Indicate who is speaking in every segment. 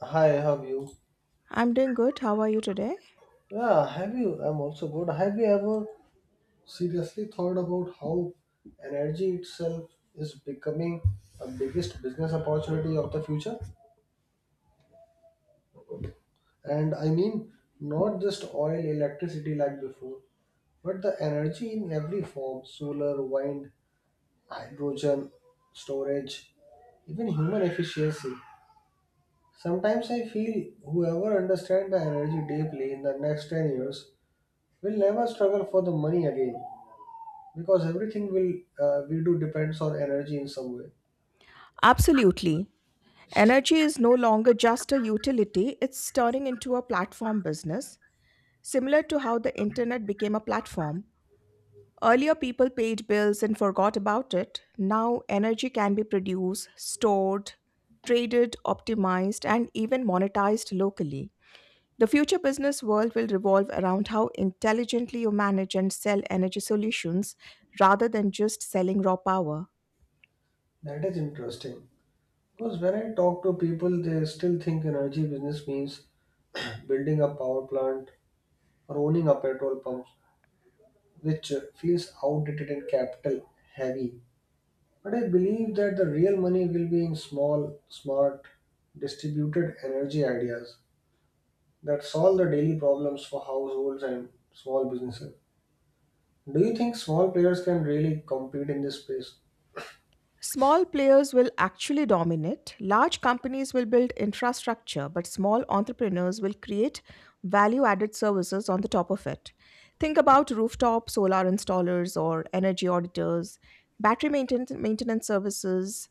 Speaker 1: Hi, have you?
Speaker 2: I'm doing good. How are you today?
Speaker 1: Yeah, have you? I'm also good. Have you ever seriously thought about how energy itself is becoming a biggest business opportunity of the future? And I mean, not just oil, electricity like before, but the energy in every form, solar, wind, hydrogen, storage, even human efficiency. Sometimes I feel whoever understands the energy deeply in the next 10 years will never struggle for the money again, because everything will we do depends on energy in some way.
Speaker 2: Absolutely. Energy is no longer just a utility, it's turning into a platform business, similar to how the internet became a platform. Earlier, people paid bills and forgot about it. Now, energy can be produced, stored, traded, optimized, and even monetized locally. The future business world will revolve around how intelligently you manage and sell energy solutions rather than just selling raw power.
Speaker 1: That is interesting because when I talk to people they still think energy business means building a power plant or owning a petrol pump which feels outdated and capital heavy, but I believe that the real money will be in small, smart, distributed energy ideas that solve the daily problems for households and small businesses. Do you think small players can really compete in this space?
Speaker 2: Small players will actually dominate. Large companies will build infrastructure, but small entrepreneurs will create value added services on the top of it. Think about rooftop solar installers or energy auditors, battery maintenance services,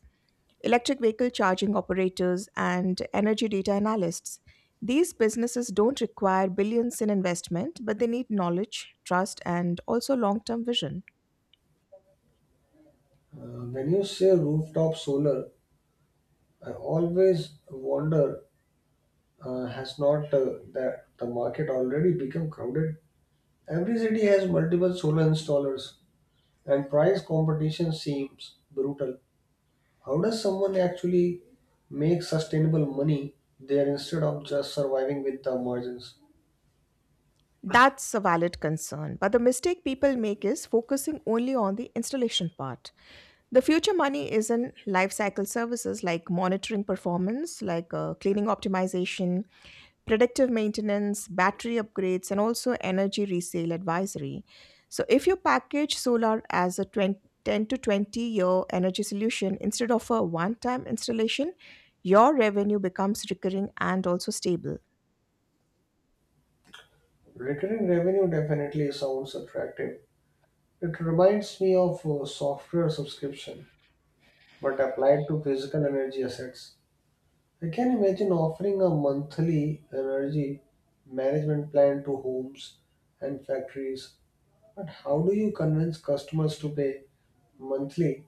Speaker 2: electric vehicle charging operators, and energy data analysts. These businesses don't require billions in investment, but they need knowledge, trust, and also long term vision.
Speaker 1: When you say rooftop solar, I always wonder has not that the market already become crowded? Every city has multiple solar installers, and price competition seems brutal. How does someone actually make sustainable money there instead of just surviving with the margins?
Speaker 2: That's a valid concern, but the mistake people make is focusing only on the installation part. The future money is in life cycle services like monitoring performance, like cleaning optimization, predictive maintenance, battery upgrades, and also energy resale advisory. So, if you package solar as a 20, 10 to 20 year energy solution instead of a one time installation, your revenue becomes recurring and also stable.
Speaker 1: Recurring revenue definitely sounds attractive. It reminds me of software subscription, but applied to physical energy assets. I can imagine offering a monthly energy management plan to homes and factories, but how do you convince customers to pay monthly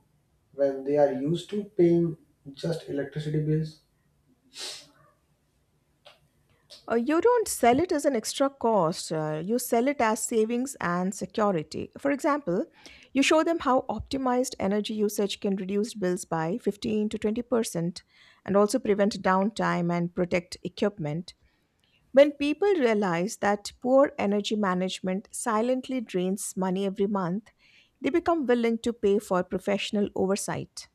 Speaker 1: when they are used to paying just electricity bills?
Speaker 2: You don't sell it as an extra cost. You sell it as savings and security. For example, you show them how optimized energy usage can reduce bills by 15 to 20% and also prevent downtime and protect equipment. When people realize that poor energy management silently drains money every month, they become willing to pay for professional oversight.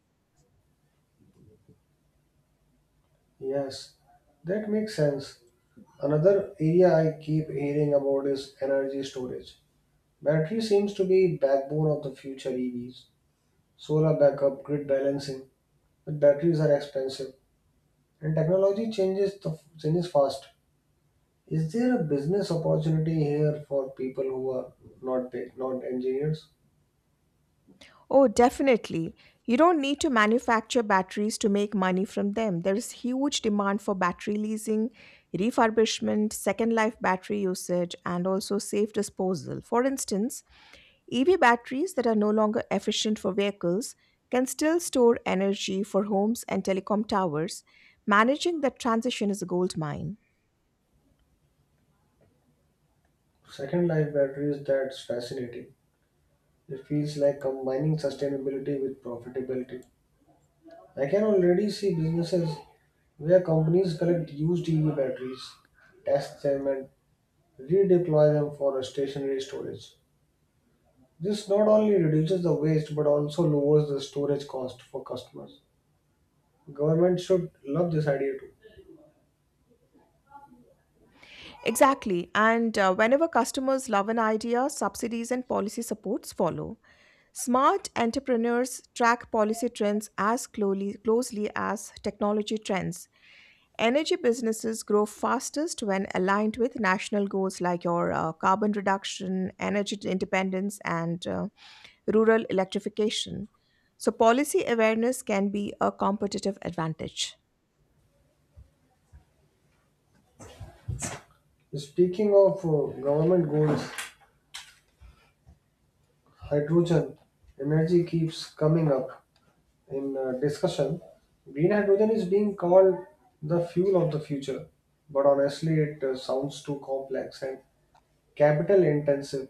Speaker 1: Yes, that makes sense. Another area I keep hearing about is energy storage. Battery seems to be backbone of the future EVs. Solar backup, grid balancing, but batteries are expensive and technology changes fast. Is there a business opportunity here for people who are not engineers?
Speaker 2: Oh, definitely. You don't need to manufacture batteries to make money from them. There is huge demand for battery leasing, refurbishment, second life battery usage, and also safe disposal. For instance, EV batteries that are no longer efficient for vehicles can still store energy for homes and telecom towers. Managing that transition is a gold mine.
Speaker 1: Second life batteries, that's fascinating. It feels like combining sustainability with profitability. I can already see businesses where companies collect used EV batteries, test them, and redeploy them for stationary storage. This not only reduces the waste but also lowers the storage cost for customers. Government should love this idea too.
Speaker 2: Exactly. And whenever customers love an idea, subsidies and policy supports follow. Smart entrepreneurs track policy trends as closely as technology trends. Energy businesses grow fastest when aligned with national goals like your carbon reduction, energy independence, and rural electrification. So, policy awareness can be a competitive advantage.
Speaker 1: Speaking of government goals, hydrogen energy keeps coming up in discussion. Green hydrogen is being called the fuel of the future, but honestly, it sounds too complex and capital intensive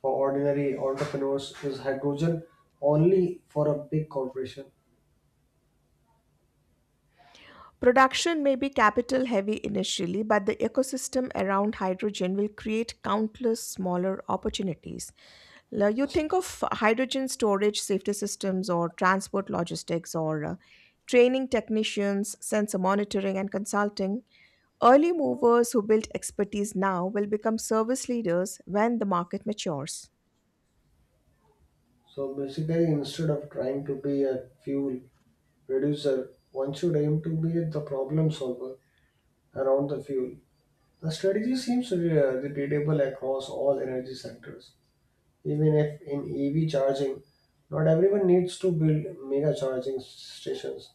Speaker 1: for ordinary entrepreneurs. Is hydrogen only for a big corporation?
Speaker 2: Production may be capital heavy initially, but the ecosystem around hydrogen will create countless smaller opportunities. Now, you think of hydrogen storage safety systems or transport logistics or training technicians, sensor monitoring and consulting. Early movers who built expertise now will become service leaders when the market matures.
Speaker 1: So basically, instead of trying to be a fuel reducer, one should aim to be the problem solver around the fuel. The strategy seems repeatable across all energy sectors. Even if in EV charging, not everyone needs to build mega charging stations.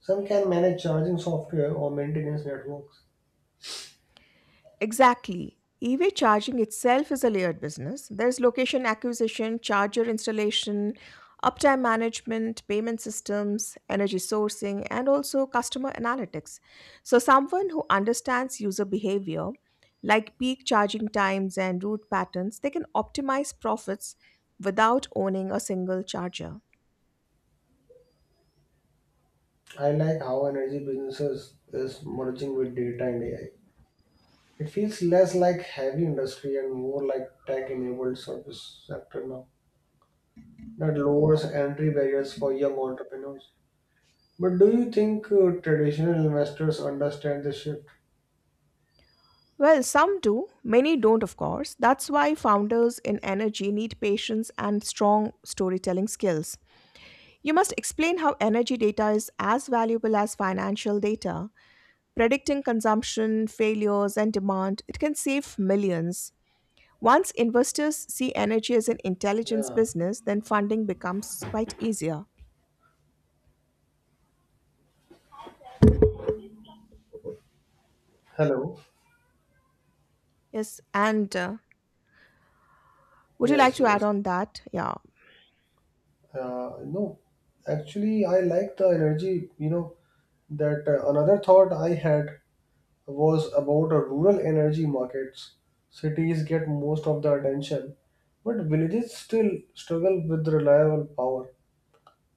Speaker 1: Some can manage charging software or maintenance networks.
Speaker 2: Exactly. EV charging itself is a layered business. There's location acquisition, charger installation, uptime management, payment systems, energy sourcing, and also customer analytics. So, someone who understands user behavior, like peak charging times and route patterns, they can optimize profits without owning a single charger.
Speaker 1: I like how energy businesses is merging with data and AI. It feels less like heavy industry and more like tech-enabled service sector now. That lowers entry barriers for young entrepreneurs. But do you think traditional investors understand this shift?
Speaker 2: Well, some do, many don't, of course. That's why founders in energy need patience and strong storytelling skills. You must explain how energy data is as valuable as financial data. Predicting consumption, failures, and demand, it can save millions. Once investors see energy as an intelligence
Speaker 1: Yeah.
Speaker 2: business, then funding becomes quite easier.
Speaker 1: Hello.
Speaker 2: Yes, and would you like
Speaker 1: Yes,
Speaker 2: to add
Speaker 1: yes.
Speaker 2: on that? Yeah.
Speaker 1: No, actually, I like the energy. You know that another thought I had was about rural energy markets. Cities get most of the attention, but villages still struggle with reliable power.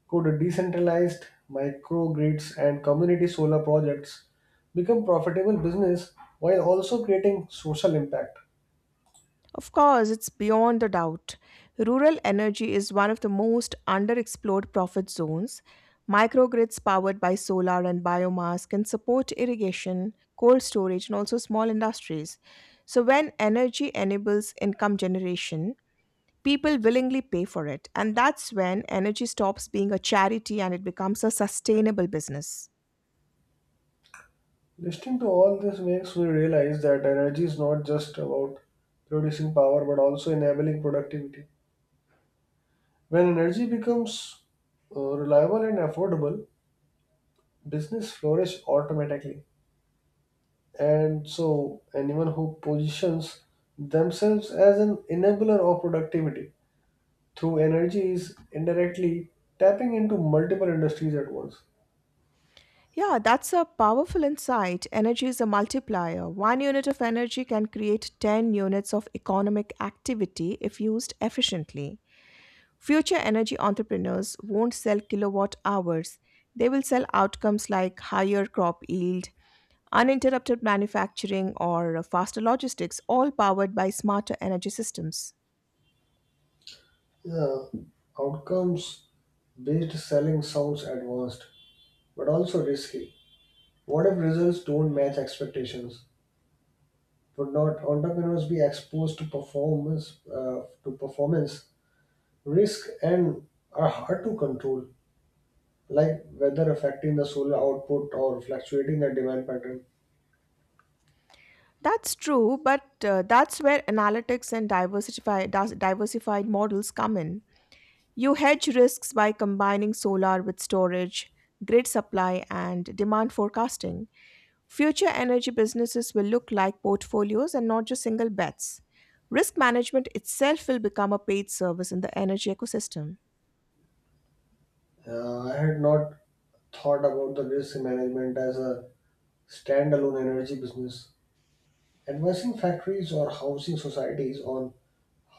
Speaker 1: Could decentralized microgrids and community solar projects become profitable business while also creating social impact?
Speaker 2: Of course, it's beyond a doubt. Rural energy is one of the most underexplored profit zones. Microgrids powered by solar and biomass can support irrigation, cold storage, and also small industries. So, when energy enables income generation, people willingly pay for it. And that's when energy stops being a charity and it becomes a sustainable business.
Speaker 1: Listening to all this makes me realize that energy is not just about producing power but also enabling productivity. When energy becomes reliable and affordable, business flourish automatically. And so, anyone who positions themselves as an enabler of productivity through energy is indirectly tapping into multiple industries at once.
Speaker 2: Yeah, that's a powerful insight. Energy is a multiplier. One unit of energy can create 10 units of economic activity if used efficiently. Future energy entrepreneurs won't sell kilowatt hours, they will sell outcomes like higher crop yield, uninterrupted manufacturing, or faster logistics, all powered by smarter energy systems.
Speaker 1: Yeah, outcomes based selling sounds advanced but also risky. What if results don't match expectations? Would not entrepreneurs be exposed to performance risk and are hard to control, like weather affecting the solar output or fluctuating the demand pattern?
Speaker 2: That's true, but that's where analytics and diversified models come in. You hedge risks by combining solar with storage, grid supply, and demand forecasting. Future energy businesses will look like portfolios and not just single bets. Risk management itself will become a paid service in the energy ecosystem.
Speaker 1: I had not thought about the risk management as a standalone energy business. Advising factories or housing societies on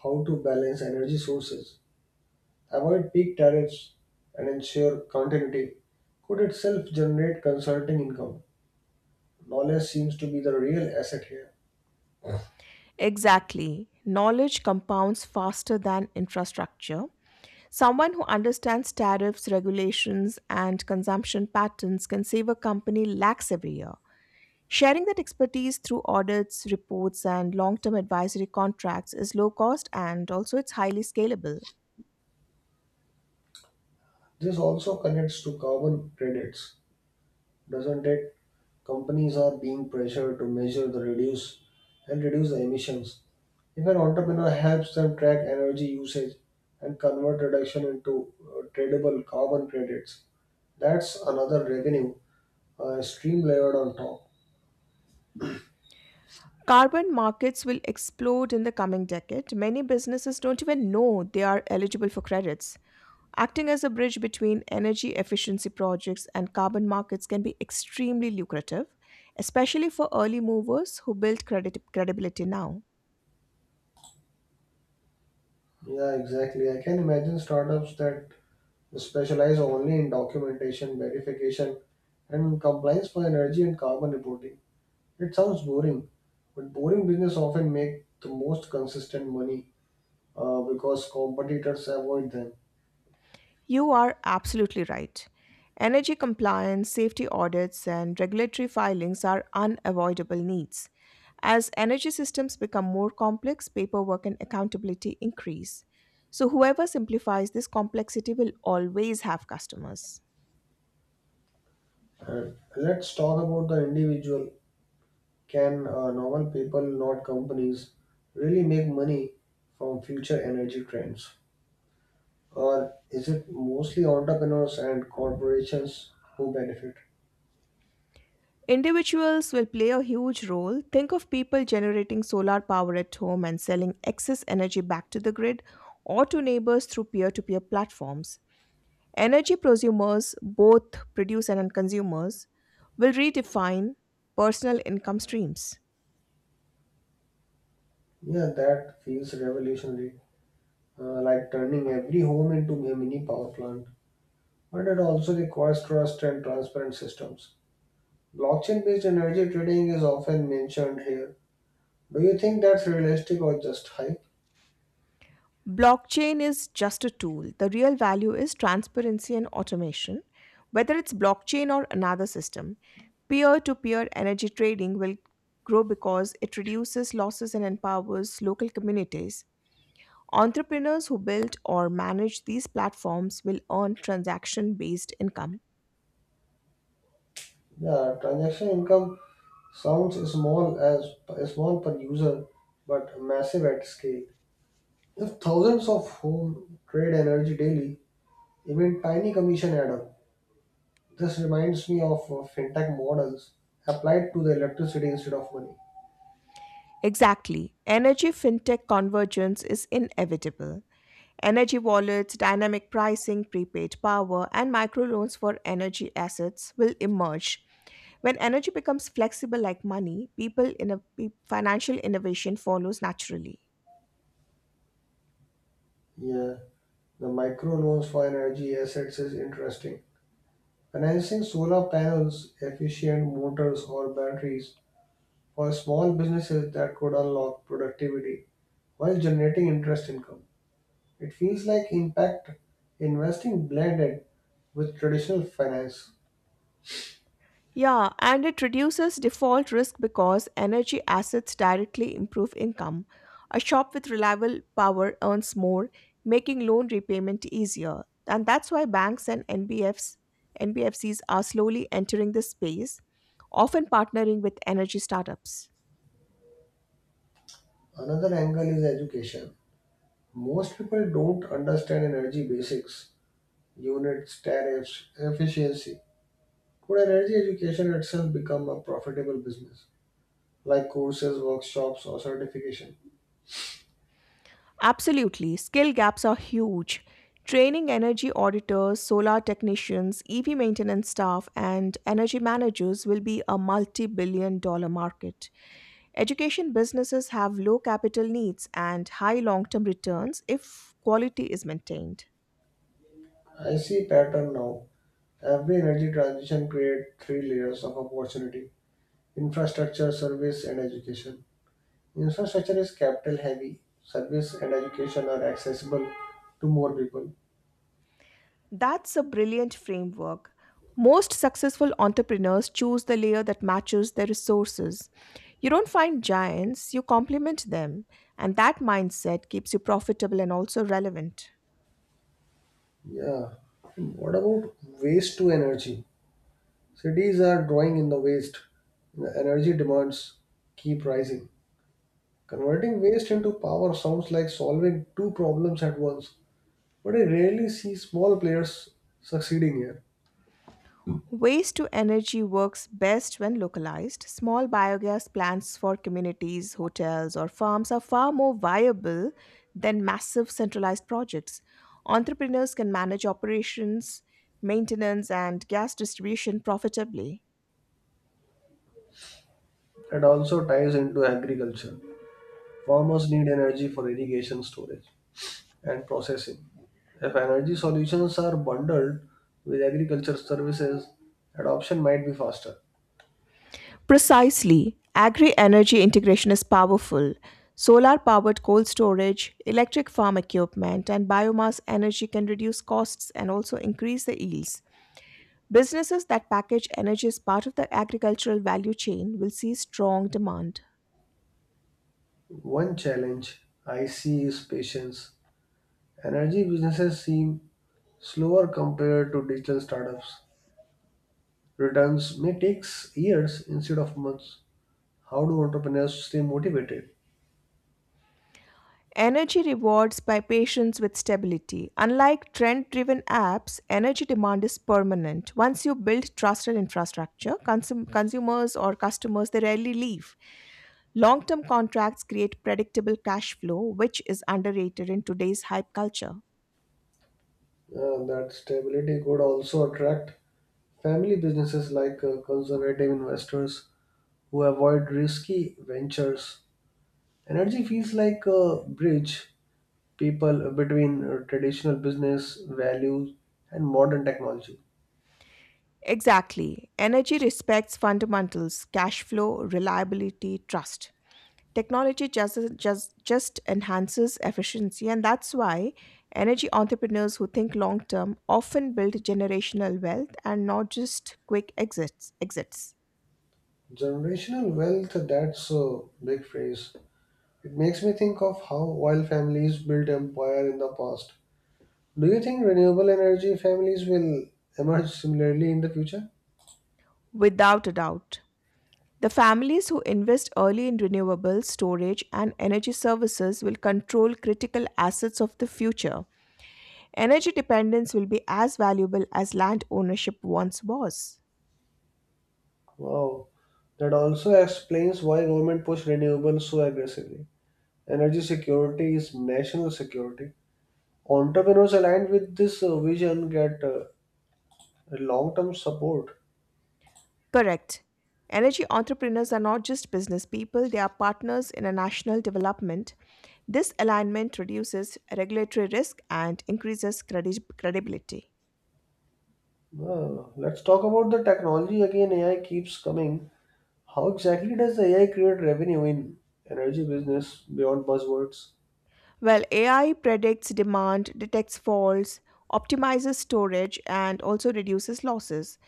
Speaker 1: how to balance energy sources, avoid peak tariffs, and ensure continuity could itself generate consulting income. Knowledge seems to be the real asset here.
Speaker 2: Exactly. Knowledge compounds faster than infrastructure. Someone who understands tariffs, regulations, and consumption patterns can save a company lakhs every year. Sharing that expertise through audits, reports, and long term advisory contracts is low cost and also it's highly scalable.
Speaker 1: This also connects to carbon credits, doesn't it? Companies are being pressured to measure the reduce and reduce the emissions. If an entrepreneur helps them track energy usage and convert reduction into tradable carbon credits, that's another revenue stream layered on top.
Speaker 2: Carbon markets will explode in the coming decade. Many businesses don't even know they are eligible for credits. Acting as a bridge between energy efficiency projects and carbon markets can be extremely lucrative, especially for early movers who build credibility now.
Speaker 1: Yeah, exactly. I can imagine startups that they specialize only in documentation, verification, and compliance for energy and carbon reporting. It sounds boring, but boring business often make the most consistent money because competitors avoid them.
Speaker 2: You are absolutely right. Energy compliance, safety audits, and regulatory filings are unavoidable needs. As energy systems become more complex, paperwork and accountability increase. So, whoever simplifies this complexity will always have customers.
Speaker 1: And let's talk about the individual. Can normal people, not companies, really make money from future energy trends? Or is it mostly entrepreneurs and corporations who benefit?
Speaker 2: Individuals will play a huge role. Think of people generating solar power at home and selling excess energy back to the grid or to neighbors through peer to peer platforms. Energy prosumers, both producers and consumers, will redefine personal income streams.
Speaker 1: Yeah, that feels revolutionary, like turning every home into a mini power plant. But it also requires trust and transparent systems. Blockchain based energy trading is often mentioned here. Do you think that's realistic or just hype?
Speaker 2: Blockchain is just a tool. The real value is transparency and automation. Whether it's blockchain or another system, peer to peer energy trading will grow because it reduces losses and empowers local communities. Entrepreneurs who build or manage these platforms will earn transaction based income.
Speaker 1: Yeah, transaction income sounds small as small per user, but massive at scale. If thousands of home trade energy daily, even tiny commission add up. This reminds me of fintech models applied to the electricity instead of money.
Speaker 2: Exactly. Energy fintech convergence is inevitable. Energy wallets, dynamic pricing, prepaid power, and microloans for energy assets will emerge. When energy becomes flexible like money, people in a financial innovation follows naturally.
Speaker 1: Yeah. The microloans for energy assets is interesting. Financing solar panels, efficient motors, or batteries for small businesses that could unlock productivity while generating interest income. It feels like impact investing blended with traditional finance.
Speaker 2: Yeah, and it reduces default risk because energy assets directly improve income. A shop with reliable power earns more, making loan repayment easier. And that's why banks and NBFCs are slowly entering this space, often partnering with energy startups.
Speaker 1: Another angle is education. Most people don't understand energy basics, units, tariffs, efficiency. Could energy education itself become a profitable business? Like courses, workshops, or certification.
Speaker 2: Absolutely, skill gaps are huge. Training energy auditors, solar technicians, EV maintenance staff, and energy managers will be a multi billion dollar market. Education businesses have low capital needs and high long term returns if quality is maintained.
Speaker 1: I see pattern now. Every energy transition creates three layers of opportunity: infrastructure, service, and education. Infrastructure is capital heavy. Service and education are accessible to more people.
Speaker 2: That's a brilliant framework. Most successful entrepreneurs choose the layer that matches their resources. You don't find giants, you complement them, and that mindset keeps you profitable and also relevant.
Speaker 1: Yeah. What about waste to energy? Cities are drawing in the waste. The energy demands keep rising. Converting waste into power sounds like solving two problems at once, but I rarely see small players succeeding here.
Speaker 2: Waste to energy works best when localized. Small biogas plants for communities, hotels, or farms are far more viable than massive centralized projects. Entrepreneurs can manage operations, maintenance, and gas distribution profitably.
Speaker 1: That also ties into agriculture. Farmers need energy for irrigation, storage, and processing. If energy solutions are bundled with agriculture services, adoption might be faster.
Speaker 2: Precisely. Agri energy integration is powerful. Solar powered coal storage, electric farm equipment, and biomass energy can reduce costs and also increase the yields. Businesses that package energy as part of the agricultural value chain will see strong demand.
Speaker 1: One challenge I see is patience. Energy businesses seem slower compared to digital startups. Returns may take years instead of months. How do entrepreneurs stay motivated?
Speaker 2: Energy rewards by patience with stability. Unlike trend driven apps, energy demand is permanent. Once you build trusted infrastructure, consumers or customers they rarely leave. Long term contracts create predictable cash flow, which is underrated in today's hype culture.
Speaker 1: That stability could also attract family businesses like conservative investors who avoid risky ventures. Energy feels like a bridge people between traditional business values and modern technology.
Speaker 2: Exactly. Energy respects fundamentals, cash flow, reliability, trust. Technology just enhances efficiency, and that's why energy entrepreneurs who think long term often build generational wealth and not just quick exits.
Speaker 1: Generational wealth, that's a big phrase. It makes me think of how oil families built empire in the past. Do you think renewable energy families will emerge similarly in the future?
Speaker 2: Without a doubt. The families who invest early in renewable storage and energy services will control critical assets of the future. Energy dependence will be as valuable as land ownership once was.
Speaker 1: Wow. That also explains why government push renewables so aggressively. Energy security is national security. Entrepreneurs aligned with this vision get long-term support.
Speaker 2: Correct. Energy entrepreneurs are not just business people, they are partners in a national development. This alignment reduces regulatory risk and increases credibility.
Speaker 1: Let's talk about the technology again. AI keeps coming. How exactly does AI create revenue in energy business beyond buzzwords?
Speaker 2: Well, AI predicts demand, detects faults, optimizes storage, and also reduces losses.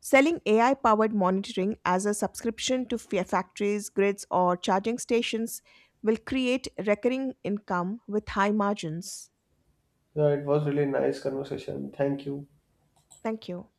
Speaker 2: Selling AI powered monitoring as a subscription to factories, grids, or charging stations will create recurring income with high margins.
Speaker 1: Yeah, it was really nice conversation. Thank you.
Speaker 2: Thank you.